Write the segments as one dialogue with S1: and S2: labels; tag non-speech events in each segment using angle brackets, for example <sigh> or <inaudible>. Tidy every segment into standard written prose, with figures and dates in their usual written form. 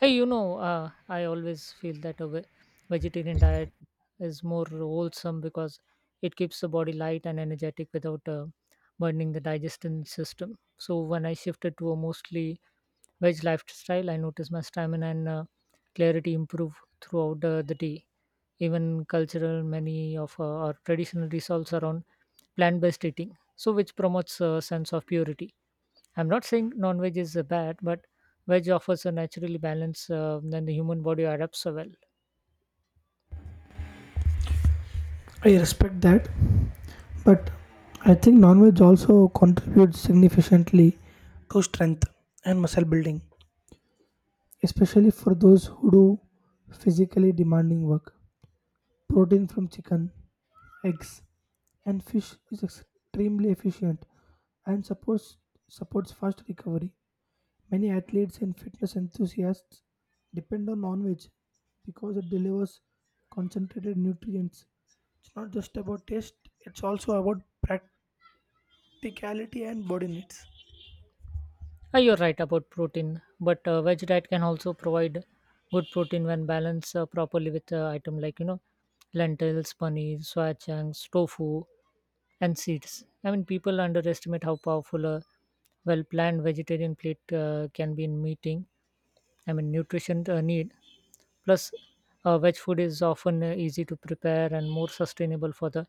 S1: Hey, I always feel that a vegetarian diet is more wholesome because it keeps the body light and energetic without burning the digestion system. So when I shifted to a mostly veg lifestyle, I noticed my stamina and clarity improve throughout the day. Even cultural, many of our traditional resolves around plant-based eating, so which promotes a sense of purity. I'm not saying non-veg is bad, but veg offers a naturally balance than the human body adapts so well.
S2: I respect that, but I think non-veg also contributes significantly to strength and muscle building, especially for those who do physically demanding work. Protein from chicken, eggs, and fish is extremely efficient and supports fast recovery. Many athletes and fitness enthusiasts depend on non-veg because it delivers concentrated nutrients. It's not just about taste; it's also about practicality and body needs.
S1: Ah, you're right about protein, but veg diet can also provide good protein when balanced properly with item like lentils, paneer, soya chunks, tofu, and seeds. I mean, people underestimate how powerful a well-planned vegetarian plate can be in meeting. I mean, nutrition need. Plus, veg food is often easy to prepare and more sustainable for the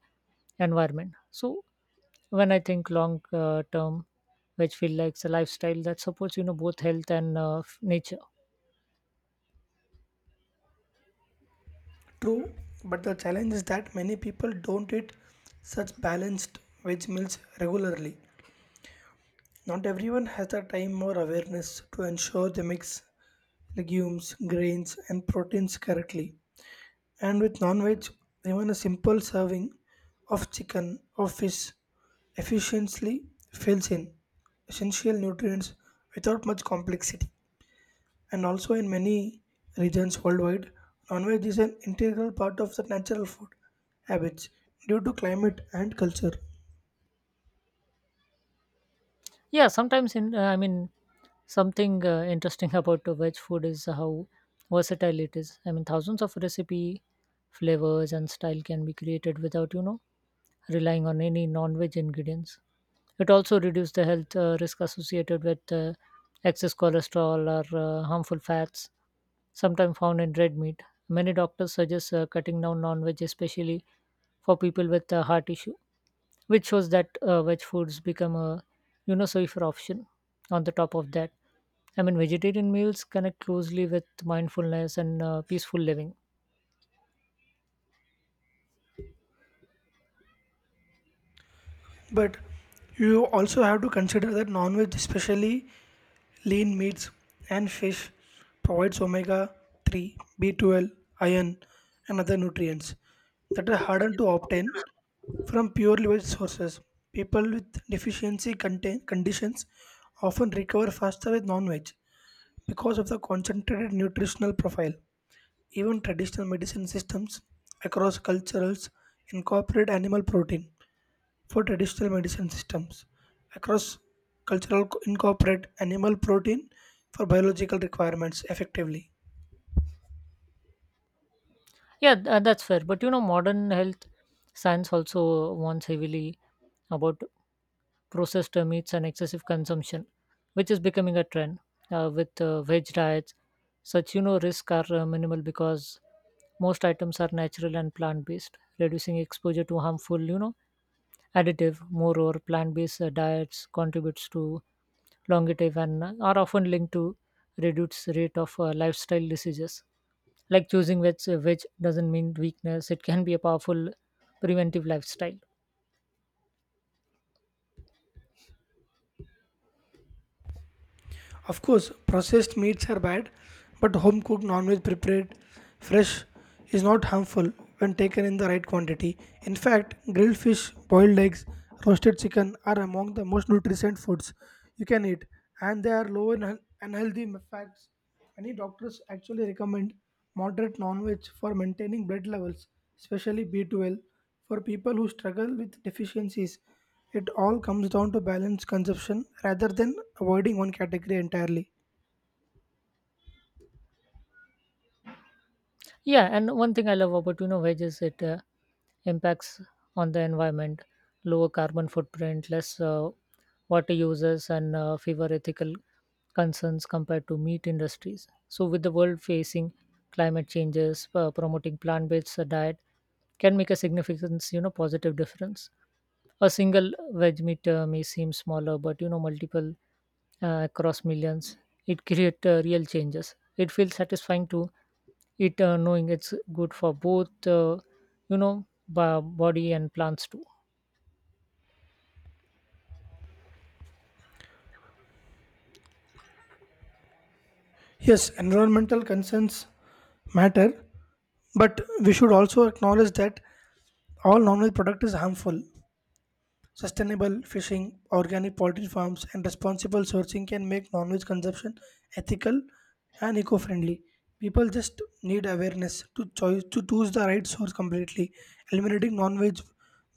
S1: environment. So, when I think long-term which feel like a lifestyle that supports both health and nature.
S2: True, but the challenge is that many people don't eat such balanced veg meals regularly. Not everyone has the time or awareness to ensure they mix legumes, grains, and proteins correctly. And with non veg, even a simple serving of chicken or fish efficiently fills in essential nutrients without much complexity. And also in many regions worldwide, non-veg is an integral part of the natural food habits due to climate and culture.
S1: Yeah, sometimes in I mean something interesting <laughs> about the veg food is how versatile it is. I mean thousands of recipe flavors and style can be created without relying on any non-veg ingredients. It also reduces the health risk associated with excess cholesterol or harmful fats sometimes found in red meat. Many doctors suggest cutting down non veg, especially for people with heart issue, which shows that veg foods become a safer option. On the top of that, I mean, vegetarian meals connect closely with mindfulness and peaceful living.
S2: But you also have to consider that non veg, especially lean meats and fish, provides omega 3, B12, iron, and other nutrients that are harder to obtain from purely veg sources. People with deficiency contain conditions often recover faster with non veg because of the concentrated nutritional profile. Even traditional medicine systems across cultures incorporate animal protein for traditional medicine systems across incorporate animal protein for biological requirements effectively.
S1: Yeah, that's fair. But modern health science also wants heavily about processed meats and excessive consumption, which is becoming a trend with veg diets. Such risks are minimal because most items are natural and plant based, reducing exposure to harmful additive. Moreover, plant based diets contributes to longevity and are often linked to reduced rate of lifestyle diseases. Like choosing veg, veg doesn't mean weakness; it can be a powerful preventive lifestyle.
S2: Of course, processed meats are bad, but home cooked non veg prepared fresh is not harmful when taken in the right quantity. In fact, grilled fish, boiled eggs, roasted chicken are among the most nutrient foods you can eat, and they are low in unhealthy fats. Many doctors actually recommend moderate non veg for maintaining blood levels, especially B12 for people who struggle with deficiencies, it all comes down to balanced consumption rather than avoiding one category entirely.
S1: Yeah, and one thing I love about veg is it impacts on the environment, lower carbon footprint, less water uses, and fewer ethical concerns compared to meat industries. So, with the world facing climate changes, promoting plant-based diet can make a significant positive difference. A single veg meat may seem smaller, but multiple across millions, it create real changes. It feels satisfying to eat, knowing it's good for both, you know, body and plants too.
S2: Yes, environmental concerns matter, but we should also acknowledge that all non-veg product is harmful. Sustainable fishing, organic poultry farms, and responsible sourcing can make non veg consumption ethical and eco friendly. People just need awareness to choose the right source completely. Eliminating non veg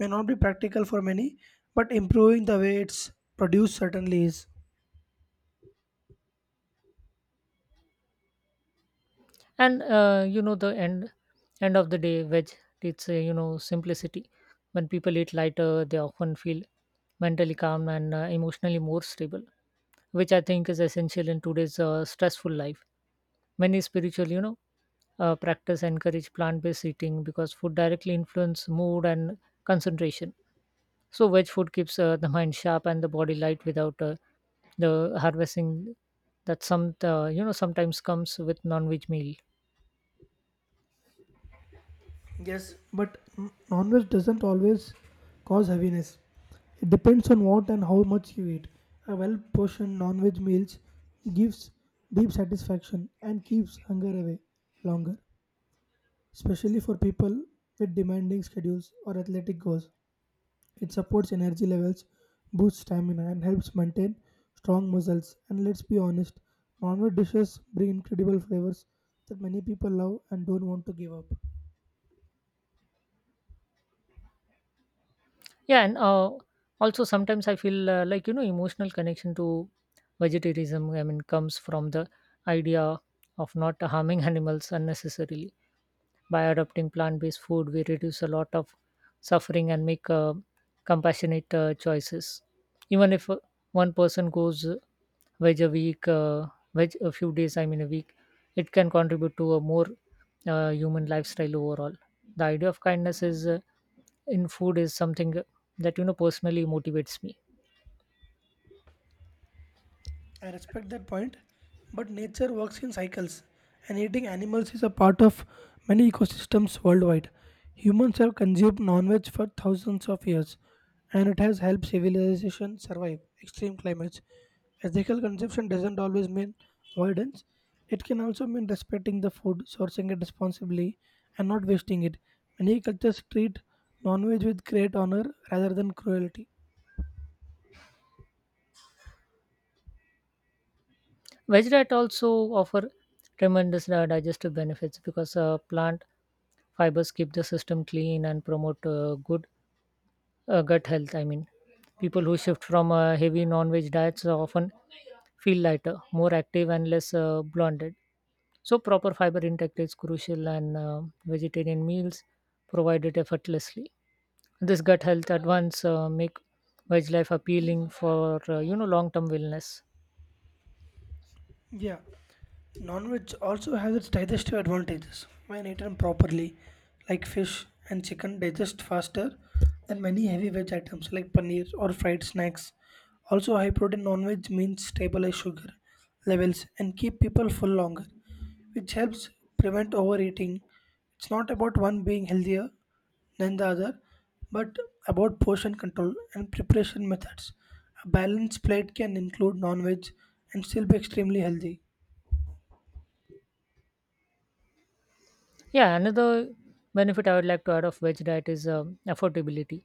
S2: may not be practical for many, but improving the way it's produced certainly is.
S1: And the end of the day, veg it's simplicity. When people eat lighter, they often feel mentally calm and emotionally more stable, which I think is essential in today's stressful life. Many spiritual, practice encourage plant-based eating because food directly influence mood and concentration. So veg food keeps the mind sharp and the body light without the harvesting that some sometimes comes with non-veg meal.
S2: Yes, but non-veg doesn't always cause heaviness. It depends on what and how much you eat. A well-portioned non-veg meals gives deep satisfaction and keeps hunger away longer, especially for people with demanding schedules or athletic goals. It supports energy levels, boosts stamina, and helps maintain strong muscles. And let's be honest, non-veg dishes bring incredible flavors that many people love and don't want to give up.
S1: Yeah, and also sometimes I feel like emotional connection to vegetarianism. I mean, comes from the idea of not harming <laughs> animals unnecessarily. By adopting plant based food, we reduce a lot of suffering and make compassionate choices. Even if one person goes veg a week, uh, veg a few days, I mean a week, it can contribute to a more human lifestyle overall. The idea of kindness is in food is something that personally motivates me.
S2: I respect that point, but nature works in cycles, and eating animals is a part of many ecosystems worldwide. Humans have consumed non-veg for thousands of years, and it has helped civilization survive extreme climates. Ethical consumption doesn't always mean avoidance. It can also mean respecting the food, sourcing it responsibly, and not wasting it. Many cultures treat non-veg with great honor rather than cruelty.
S1: Veg diet also offer tremendous digestive benefits because plant fibers keep the system clean and promote good gut health. I mean, people who shift from heavy non-veg diets often feel lighter, more active, and less bloated. So proper fiber intake is crucial, and vegetarian meals provide it effortlessly. This gut health advance make veg life appealing for long-term wellness.
S2: Yeah, non-veg also has its digestive advantages when eaten properly, like fish and chicken digest faster than many heavy veg items like paneer or fried snacks. Also, high-protein non-veg means stabilize sugar levels and keep people full longer, which helps prevent overeating. It's not about one being healthier than the other, but about portion control and preparation methods. A balanced plate can include non-veg and still be extremely healthy.
S1: Yeah, another benefit I would like to add of veg diet is affordability.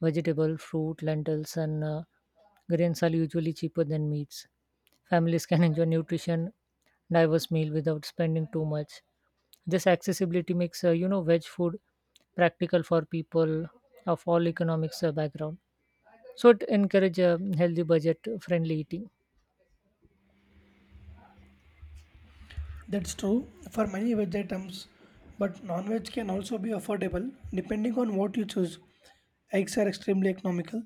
S1: Vegetable, fruit, lentils, and grains are usually cheaper than meats. Families can <laughs> enjoy nutrition diverse meal without spending too much. This accessibility makes veg food practical for people of all economics background. So it encourages healthy, budget-friendly eating.
S2: That's true for many veg items, but non veg can also be affordable depending on what you choose. Eggs are extremely economical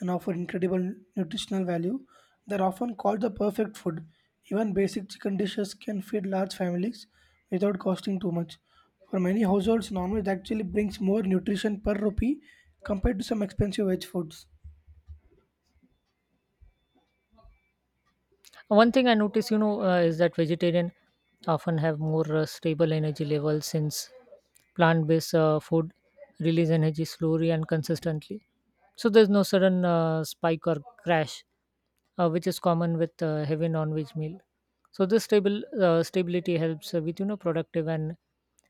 S2: and offer incredible nutritional value. They're often called the perfect food. Even basic chicken dishes can feed large families without costing too much. For many households, non veg actually brings more nutrition per rupee compared to some expensive veg foods.
S1: One thing I notice, is that vegetarian often have more stable energy levels since plant-based food release energy slowly and consistently. So there's no sudden spike or crash, which is common with heavy non-veg meal. So this stable stability helps with productive and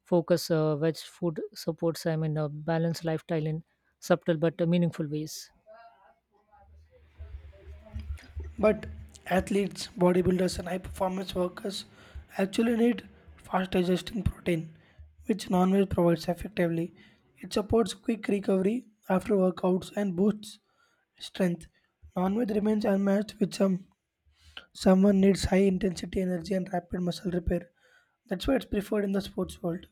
S1: focus. Veg food supports I mean a balanced lifestyle in subtle but meaningful ways.
S2: But athletes, bodybuilders, and high performance workers actually need fast digesting protein, which non veg provides effectively. It supports quick recovery after workouts and boosts strength. Non veg remains unmatched with some. Someone needs high intensity energy and rapid muscle repair. That's why it's preferred in the sports world.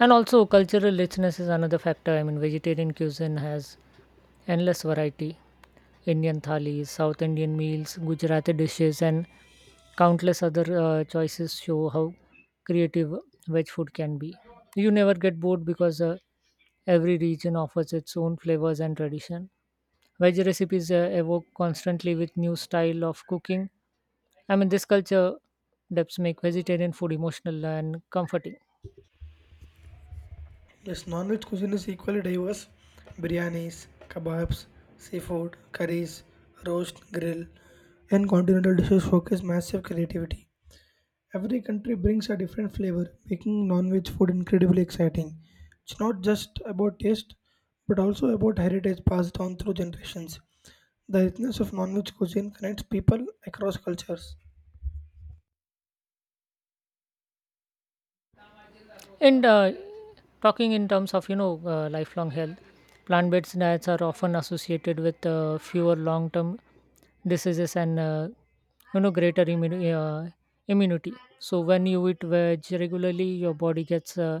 S1: And also cultural richness is another factor. I mean vegetarian cuisine has endless variety. Indian thalis, south Indian meals, Gujarati dishes, and countless other choices show how creative veg food can be. You never get bored because every region offers its own flavors and tradition. Veg recipes evoke constantly with new style of cooking. I mean this culture depths make vegetarian food emotional and comforting.
S2: Yes, non-veg cuisine is equally diverse. Biryanis, kebabs, seafood, curries, roast, grill, and continental dishes focus massive creativity. Every country brings a different flavor, making non-veg food incredibly exciting. It's not just about taste, but also about heritage passed down through generations. The richness of non-veg cuisine connects people across cultures.
S1: And talking in terms of lifelong health, plant-based diets are often associated with fewer long-term diseases and greater immunity. So when you eat veg regularly, your body gets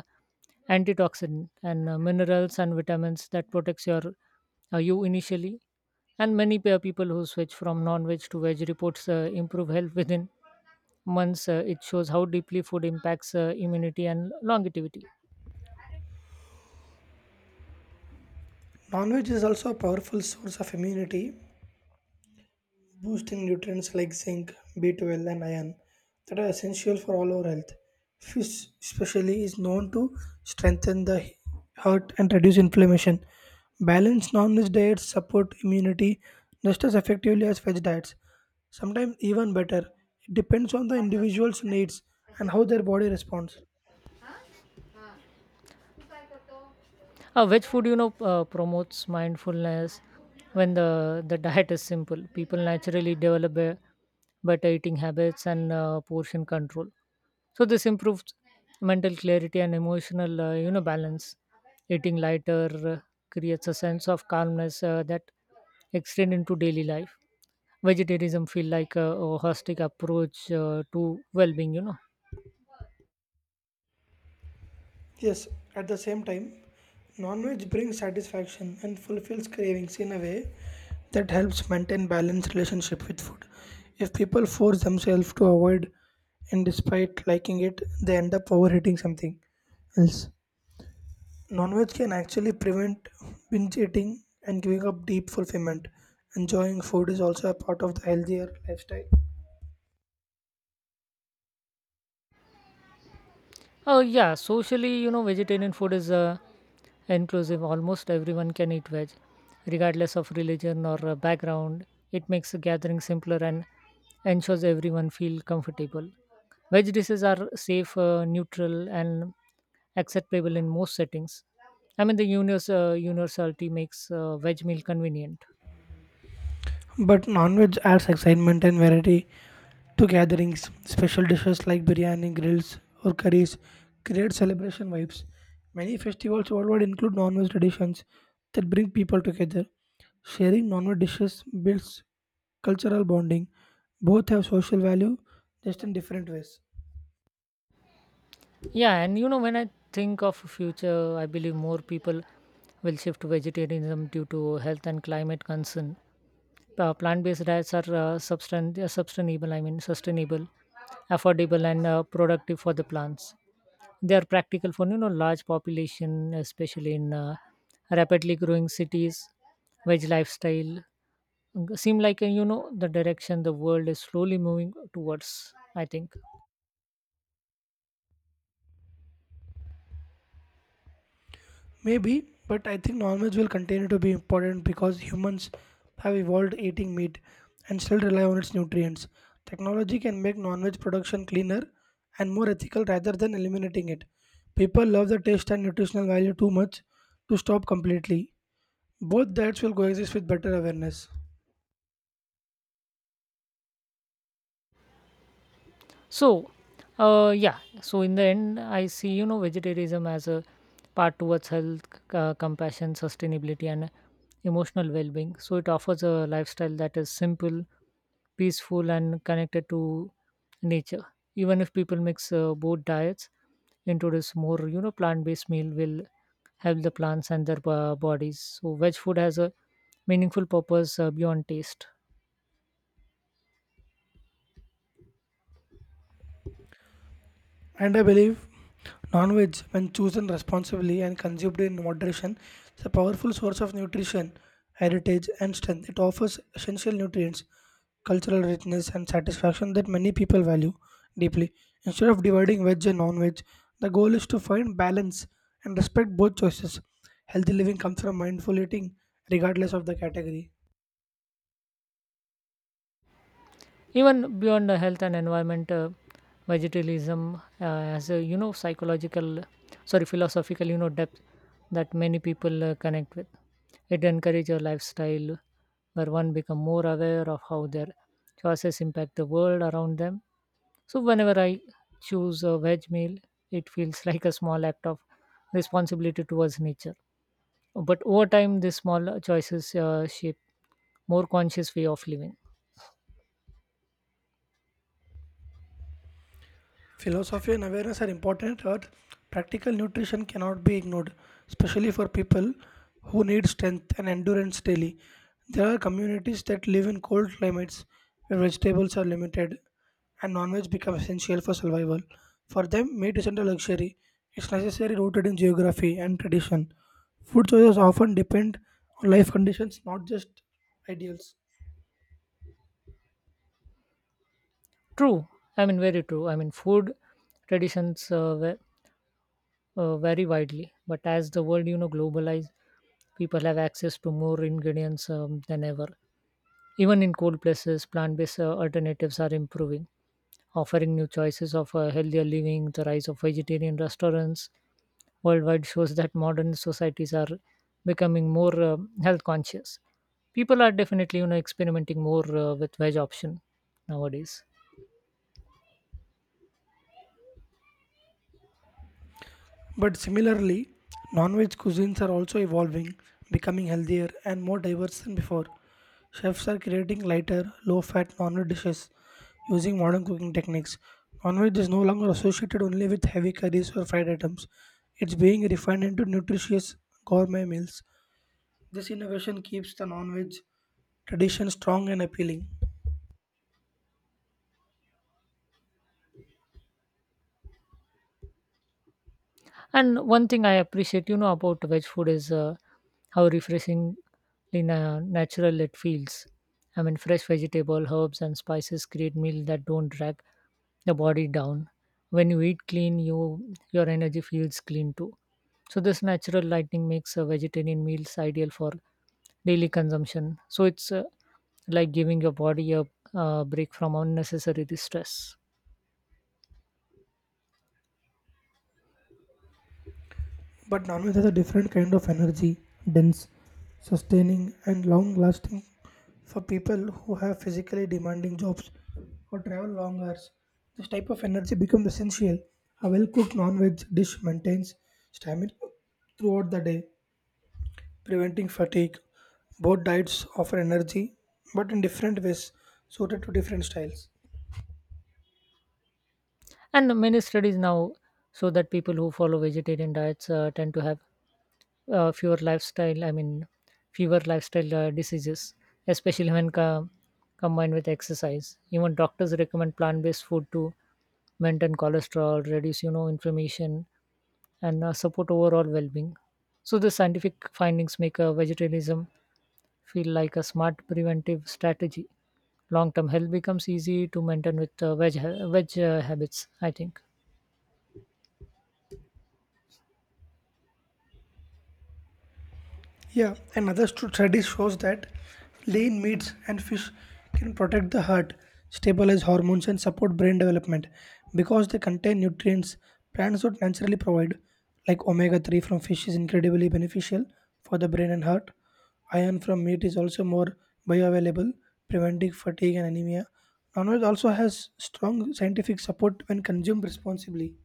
S1: antioxidant and minerals and vitamins that protects your you initially. And many people who switch from non-veg to veg reports improve health within months. It shows how deeply food impacts immunity and longevity.
S2: Non-veg is also a powerful source of immunity boosting nutrients like zinc, B12, and iron that are essential for all our health. Fish, especially, is known to strengthen the heart and reduce inflammation. Balanced non veg diets support immunity just as effectively as veg diets, sometimes even better. It depends on the individual's needs and how their body responds.
S1: Veg food, promotes mindfulness when the diet is simple. People naturally develop a better eating habits and portion control. So this improves mental clarity and emotional, balance. Eating lighter uh, creates a sense of calmness that extend into daily life. Vegetarianism feel like a holistic approach to well-being.
S2: Yes, at the same time, non veg brings satisfaction and fulfills cravings in a way that helps maintain balanced relationship with food. If people force themselves to avoid and despite liking it, they end up overeating something else. Non veg can actually prevent binge eating and giving up deep fulfillment. Enjoying food is also a part of the healthier lifestyle.
S1: Oh, yeah, socially, vegetarian food is inclusive. Almost everyone can eat veg, regardless of religion or background. It makes the gathering simpler and ensures everyone feel comfortable. Veg dishes are safe, neutral, and acceptable in most settings. I mean, the universality makes veg meal convenient.
S2: But non-veg adds excitement and variety to gatherings. Special dishes like biryani, grills, or curries create celebration vibes. Many festivals worldwide include non-veg traditions that bring people together. Sharing non-veg dishes builds cultural bonding. Both have social value, just in different ways.
S1: Yeah, and when I think of future, I believe more people will shift to vegetarianism due to health and climate concern. Plant-based diets are sustainable. I mean, sustainable, affordable, and productive for the plants. They are practical for large population, especially in rapidly growing cities. Veg lifestyle seem like the direction the world is slowly moving towards. I think.
S2: Maybe, but I think non-veg will continue to be important because humans have evolved eating meat and still rely on its nutrients. Technology can make non-veg production cleaner and more ethical rather than eliminating it. People love the taste and nutritional value too much to stop completely. Both diets will coexist with better awareness.
S1: So, yeah, so in the end, I see, vegetarianism as a part towards health, compassion, sustainability, and emotional well being. So, it offers a lifestyle that is simple, peaceful, and connected to nature. Even if people mix both diets, introduce more, plant based meal will help the plants and their bodies. So, veg food has a meaningful purpose beyond taste.
S2: And I believe non veg, when chosen responsibly and consumed in moderation, is a powerful source of nutrition, heritage, and strength. It offers essential nutrients, cultural richness, and satisfaction that many people value deeply. Instead of dividing veg and non veg, the goal is to find balance and respect both choices. Healthy living comes from mindful eating, regardless of the category.
S1: Even beyond the health and environment vegetarianism has a psychological sorry philosophical depth that many people connect with. It encourages a lifestyle where one become more aware of how their choices impact the world around them. So whenever I choose a veg meal, it feels <laughs> like a small act of responsibility towards nature. But over time these small choices shape more conscious way of living.
S2: Philosophy and awareness are important, but practical nutrition cannot be ignored, especially for people who need strength and endurance daily. There are communities that live in cold climates where vegetables are limited and non veg become essential for survival. For them, meat isn't a luxury, it's necessary rooted in geography and tradition. Food choices often depend on life conditions, not just ideals.
S1: True. I mean, very true. I mean, food traditions vary widely, but as the world, globalized, people have access to more ingredients than ever. Even in cold places, plant-based alternatives are improving, offering new choices of healthier living. The rise of vegetarian restaurants worldwide shows that modern societies are becoming more health conscious. People are definitely, experimenting more with veg option nowadays.
S2: But similarly, non veg cuisines are also evolving, becoming healthier and more diverse than before. Chefs are creating lighter, low fat non veg dishes using modern cooking techniques. Non veg is no longer associated only with heavy curries or fried items, it's being refined into nutritious gourmet meals. This innovation keeps the non veg tradition strong and appealing.
S1: And one thing I appreciate, about veg food is how refreshingly natural it feels. I mean, fresh vegetable, herbs, and spices create meal that don't drag the body down. When you eat clean, your energy feels clean too. So this natural lighting makes vegetarian meals ideal for daily consumption. So it's like giving your body a break from unnecessary stress.
S2: But non-veg has a different kind of energy, dense, sustaining, and long-lasting for people who have physically demanding jobs or travel long hours. This type of energy becomes essential. A well-cooked non-veg dish maintains stamina throughout the day, preventing fatigue. Both diets offer energy, but in different ways, suited to different styles.
S1: And many studies now show that people who follow vegetarian diets tend to have uh, fewer lifestyle, I mean, fewer lifestyle diseases, especially when combined with exercise. Even doctors recommend plant-based food to maintain cholesterol, reduce, inflammation, and support overall well-being. So the scientific findings make vegetarianism feel like a smart preventive strategy. Long-term health becomes easy to maintain with veg, ha- veg habits, I think.
S2: Yeah, another study shows that lean meats and fish can protect the heart, stabilize hormones, and support brain development because they contain nutrients plants would naturally provide, like omega 3 from fish is incredibly beneficial for the brain and heart. Iron from meat is also more bioavailable, preventing fatigue and anemia. Non veg also has strong scientific support when consumed responsibly.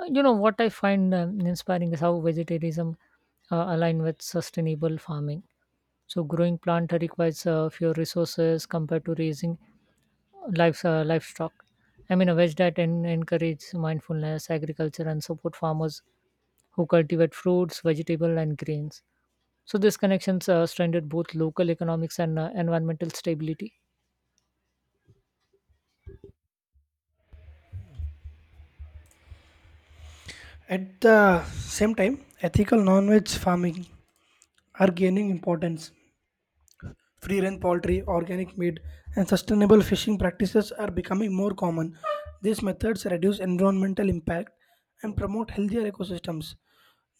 S1: You know what I find inspiring is how vegetarianism align with sustainable farming. So growing plant requires fewer resources compared to raising livestock. I mean, a veg diet encourages mindfulness, agriculture, and support farmers who cultivate fruits, vegetables, and grains. So these connections strengthen both local economics and environmental stability.
S2: At the same time, ethical non veg farming are gaining importance. Free range poultry, organic meat, and sustainable fishing practices are becoming more common. These methods reduce environmental impact and promote healthier ecosystems.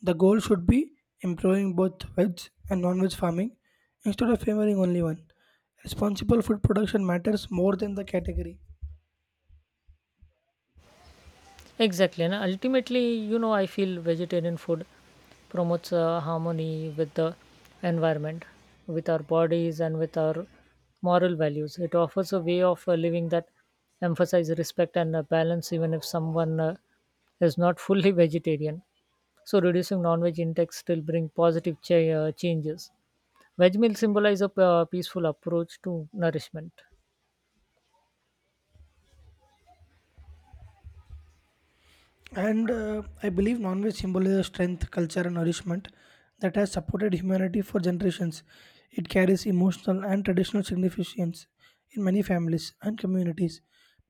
S2: The goal should be improving both veg and non veg farming instead of favoring only one. Responsible food production matters more than the category.
S1: Exactly. And ultimately, you know, I feel vegetarian food promotes harmony with the environment, with our bodies, and with our moral values. It offers a way of living that emphasizes respect and balance, even if someone is not fully <laughs> vegetarian. So, reducing non veg intake still brings positive changes. Veg meals symbolize a peaceful approach to nourishment.
S2: And I believe non veg symbolizes strength, culture, and nourishment that has supported humanity for generations. It carries emotional and traditional significance in many families and communities.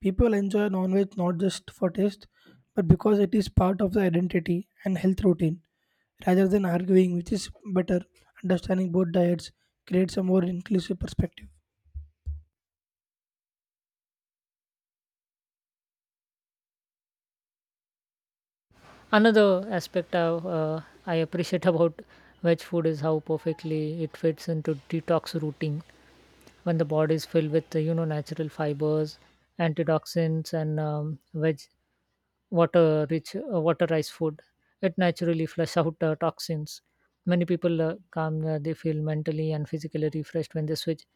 S2: People enjoy non veg not just for taste, but because it is part of the identity and health routine. Rather than arguing which is better, understanding both diets creates a more inclusive perspective.
S1: Another aspect I appreciate about veg food is how perfectly it fits into detox routine when the body is filled with natural fibers, antioxidants, and veg water rich waterized food. It naturally flush out toxins. Many people come they feel mentally and physically refreshed when they switch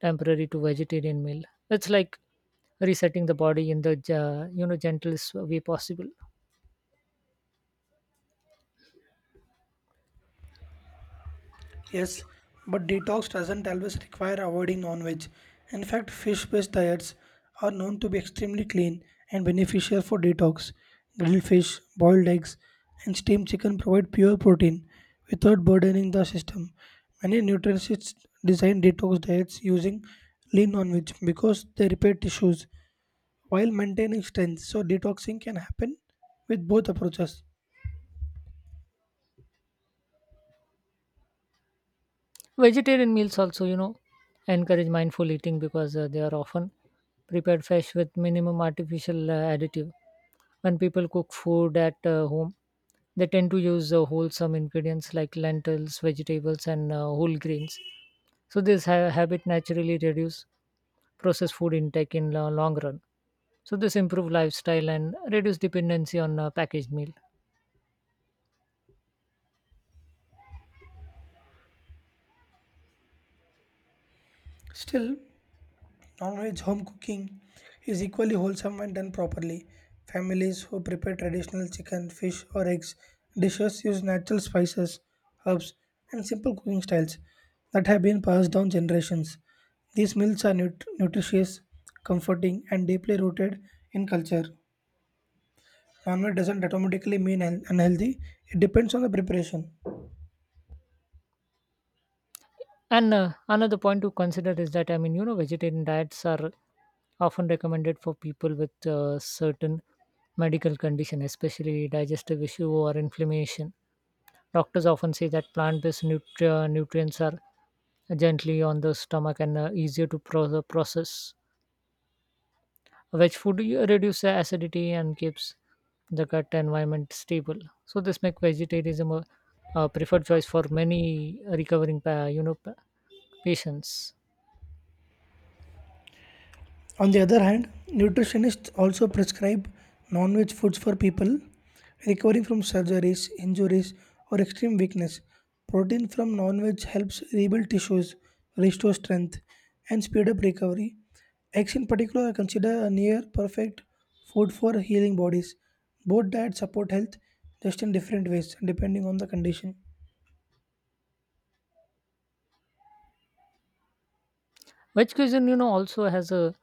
S1: temporary to vegetarian meal. It's like resetting the body in the gentlest way possible.
S2: Yes, but detox doesn't always require avoiding non veg. In fact, fish based diets are known to be extremely clean and beneficial for detox. Grilled fish, boiled eggs, and steamed chicken provide pure protein without burdening the system. Many nutritionists design detox diets using lean non veg because they repair tissues while maintaining strength, so detoxing can happen with both approaches.
S1: Vegetarian meals also, you know, encourage mindful eating because they are often prepared fresh with minimum artificial additive. When people cook food at home, they tend to use wholesome ingredients like lentils, vegetables, and whole grains. So this habit naturally reduce processed food intake in the long run. So this improve lifestyle and reduce dependency on packaged meal.
S2: Still, non veg home cooking is equally wholesome when done properly. Families who prepare traditional chicken, fish, or eggs dishes use natural spices, herbs, and simple cooking styles that have been passed down generations. These meals are nutritious, comforting, and deeply rooted in culture. Non veg doesn't automatically mean unhealthy, it depends on the preparation.
S1: And Another point to consider is that I mean you know vegetarian diets are often recommended for people with certain medical condition, especially digestive issue or inflammation. Doctors often say that plant-based nutrients are gently on the stomach and easier to process. Veg food reduces acidity and keeps the gut environment stable. So this makes vegetarianism a preferred choice for many recovering, pa- you know, pa- patients.
S2: On the other hand, nutritionists also prescribe non veg foods for people recovering from surgeries, injuries, or extreme weakness. Protein from non veg helps rebuild tissues, restore strength, and speed up recovery. Eggs, in particular, are considered a near perfect food for healing bodies. Both diets support health just in different ways depending on the condition.
S1: Wedge cuisine, you know, also has a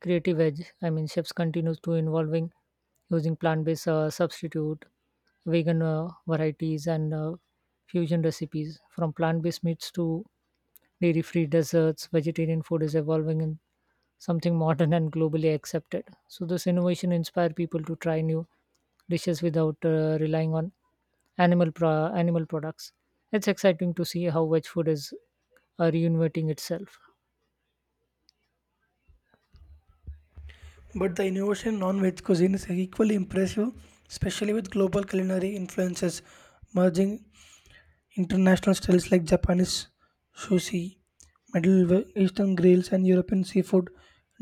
S1: creative edge. I mean, chefs continues to involving using plant-based substitute, vegan varieties, and fusion recipes. From plant-based meats to dairy-free desserts, vegetarian food is evolving in something modern and globally accepted. So this innovation inspire people to try new dishes without relying on animal products. It's exciting to see how wedge food is reinventing itself.
S2: But the innovation in non-veg cuisine is equally impressive, especially with global culinary influences merging. International styles like Japanese sushi, Middle Eastern grills, and European seafood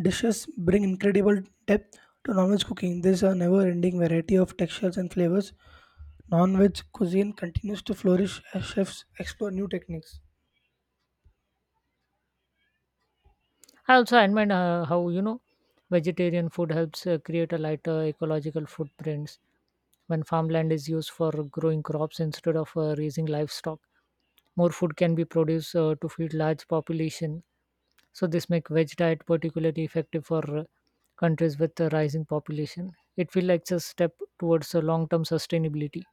S2: dishes bring incredible depth to non-veg cooking. There's a never-ending variety of textures and flavors. Non-veg cuisine continues to flourish as chefs explore new techniques.
S1: I also admire how you know vegetarian food helps create a lighter ecological footprints when farmland is used for growing crops instead of raising livestock. More food can be produced to feed large population. So this make veg diet particularly effective for countries with a rising population. It feels like a step towards a long-term sustainability.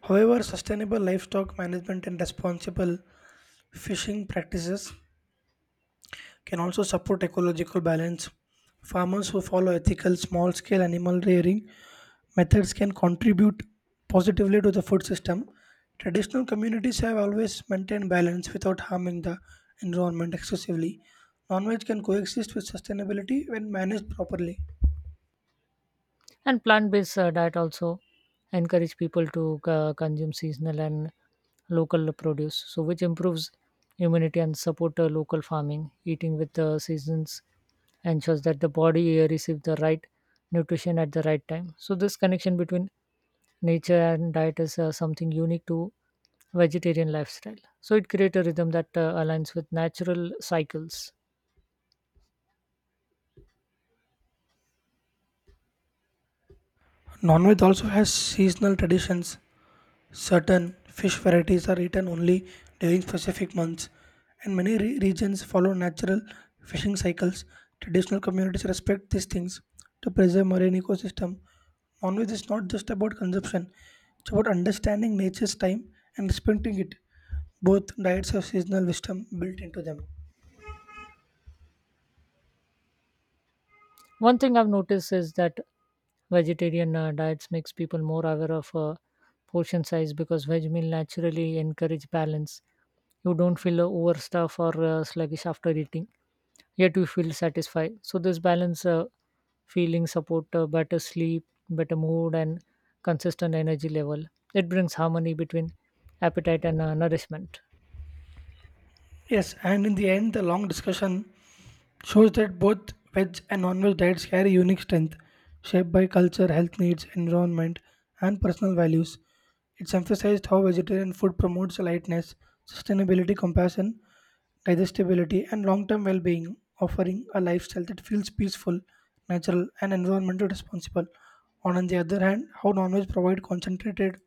S2: However, sustainable livestock management and responsible fishing practices can also support ecological balance. Farmers who follow ethical small scale animal rearing methods can contribute positively to the food system. Traditional communities have always maintained balance without harming the environment excessively. Non veg can coexist with sustainability when managed properly.
S1: And plant-based diet also encourage people to consume seasonal and local produce, so which improves immunity and support local farming. Eating with the seasons ensures that the body receives the right nutrition at the right time. So this connection between nature and diet is something unique to vegetarian lifestyle. So it creates a rhythm that aligns with natural cycles.
S2: Non veg also has seasonal traditions. Certain fish varieties are eaten only during specific months, and many regions follow natural fishing cycles. Traditional communities respect these things to preserve marine ecosystem. Non-veg is not just about consumption; it's about understanding nature's time and respecting it. Both diets have seasonal wisdom built into them.
S1: One thing I've noticed is that vegetarian diets makes people more aware of portion size because veg meal naturally encourage balance. You don't feel overstuffed or sluggish after eating, yet you feel satisfied. So this balance feeling support better sleep, better mood, and consistent energy level. It brings harmony between appetite and nourishment.
S2: Yes, and in the end, the long discussion shows that both veg and non-veg diets carry unique strength, shaped by culture, health needs, environment, and personal values. It's emphasized how vegetarian food promotes lightness, sustainability, compassion, digestibility, and long-term well-being, offering a lifestyle that feels peaceful, natural, and environmental responsible. On the other hand, how non-veg provide concentrated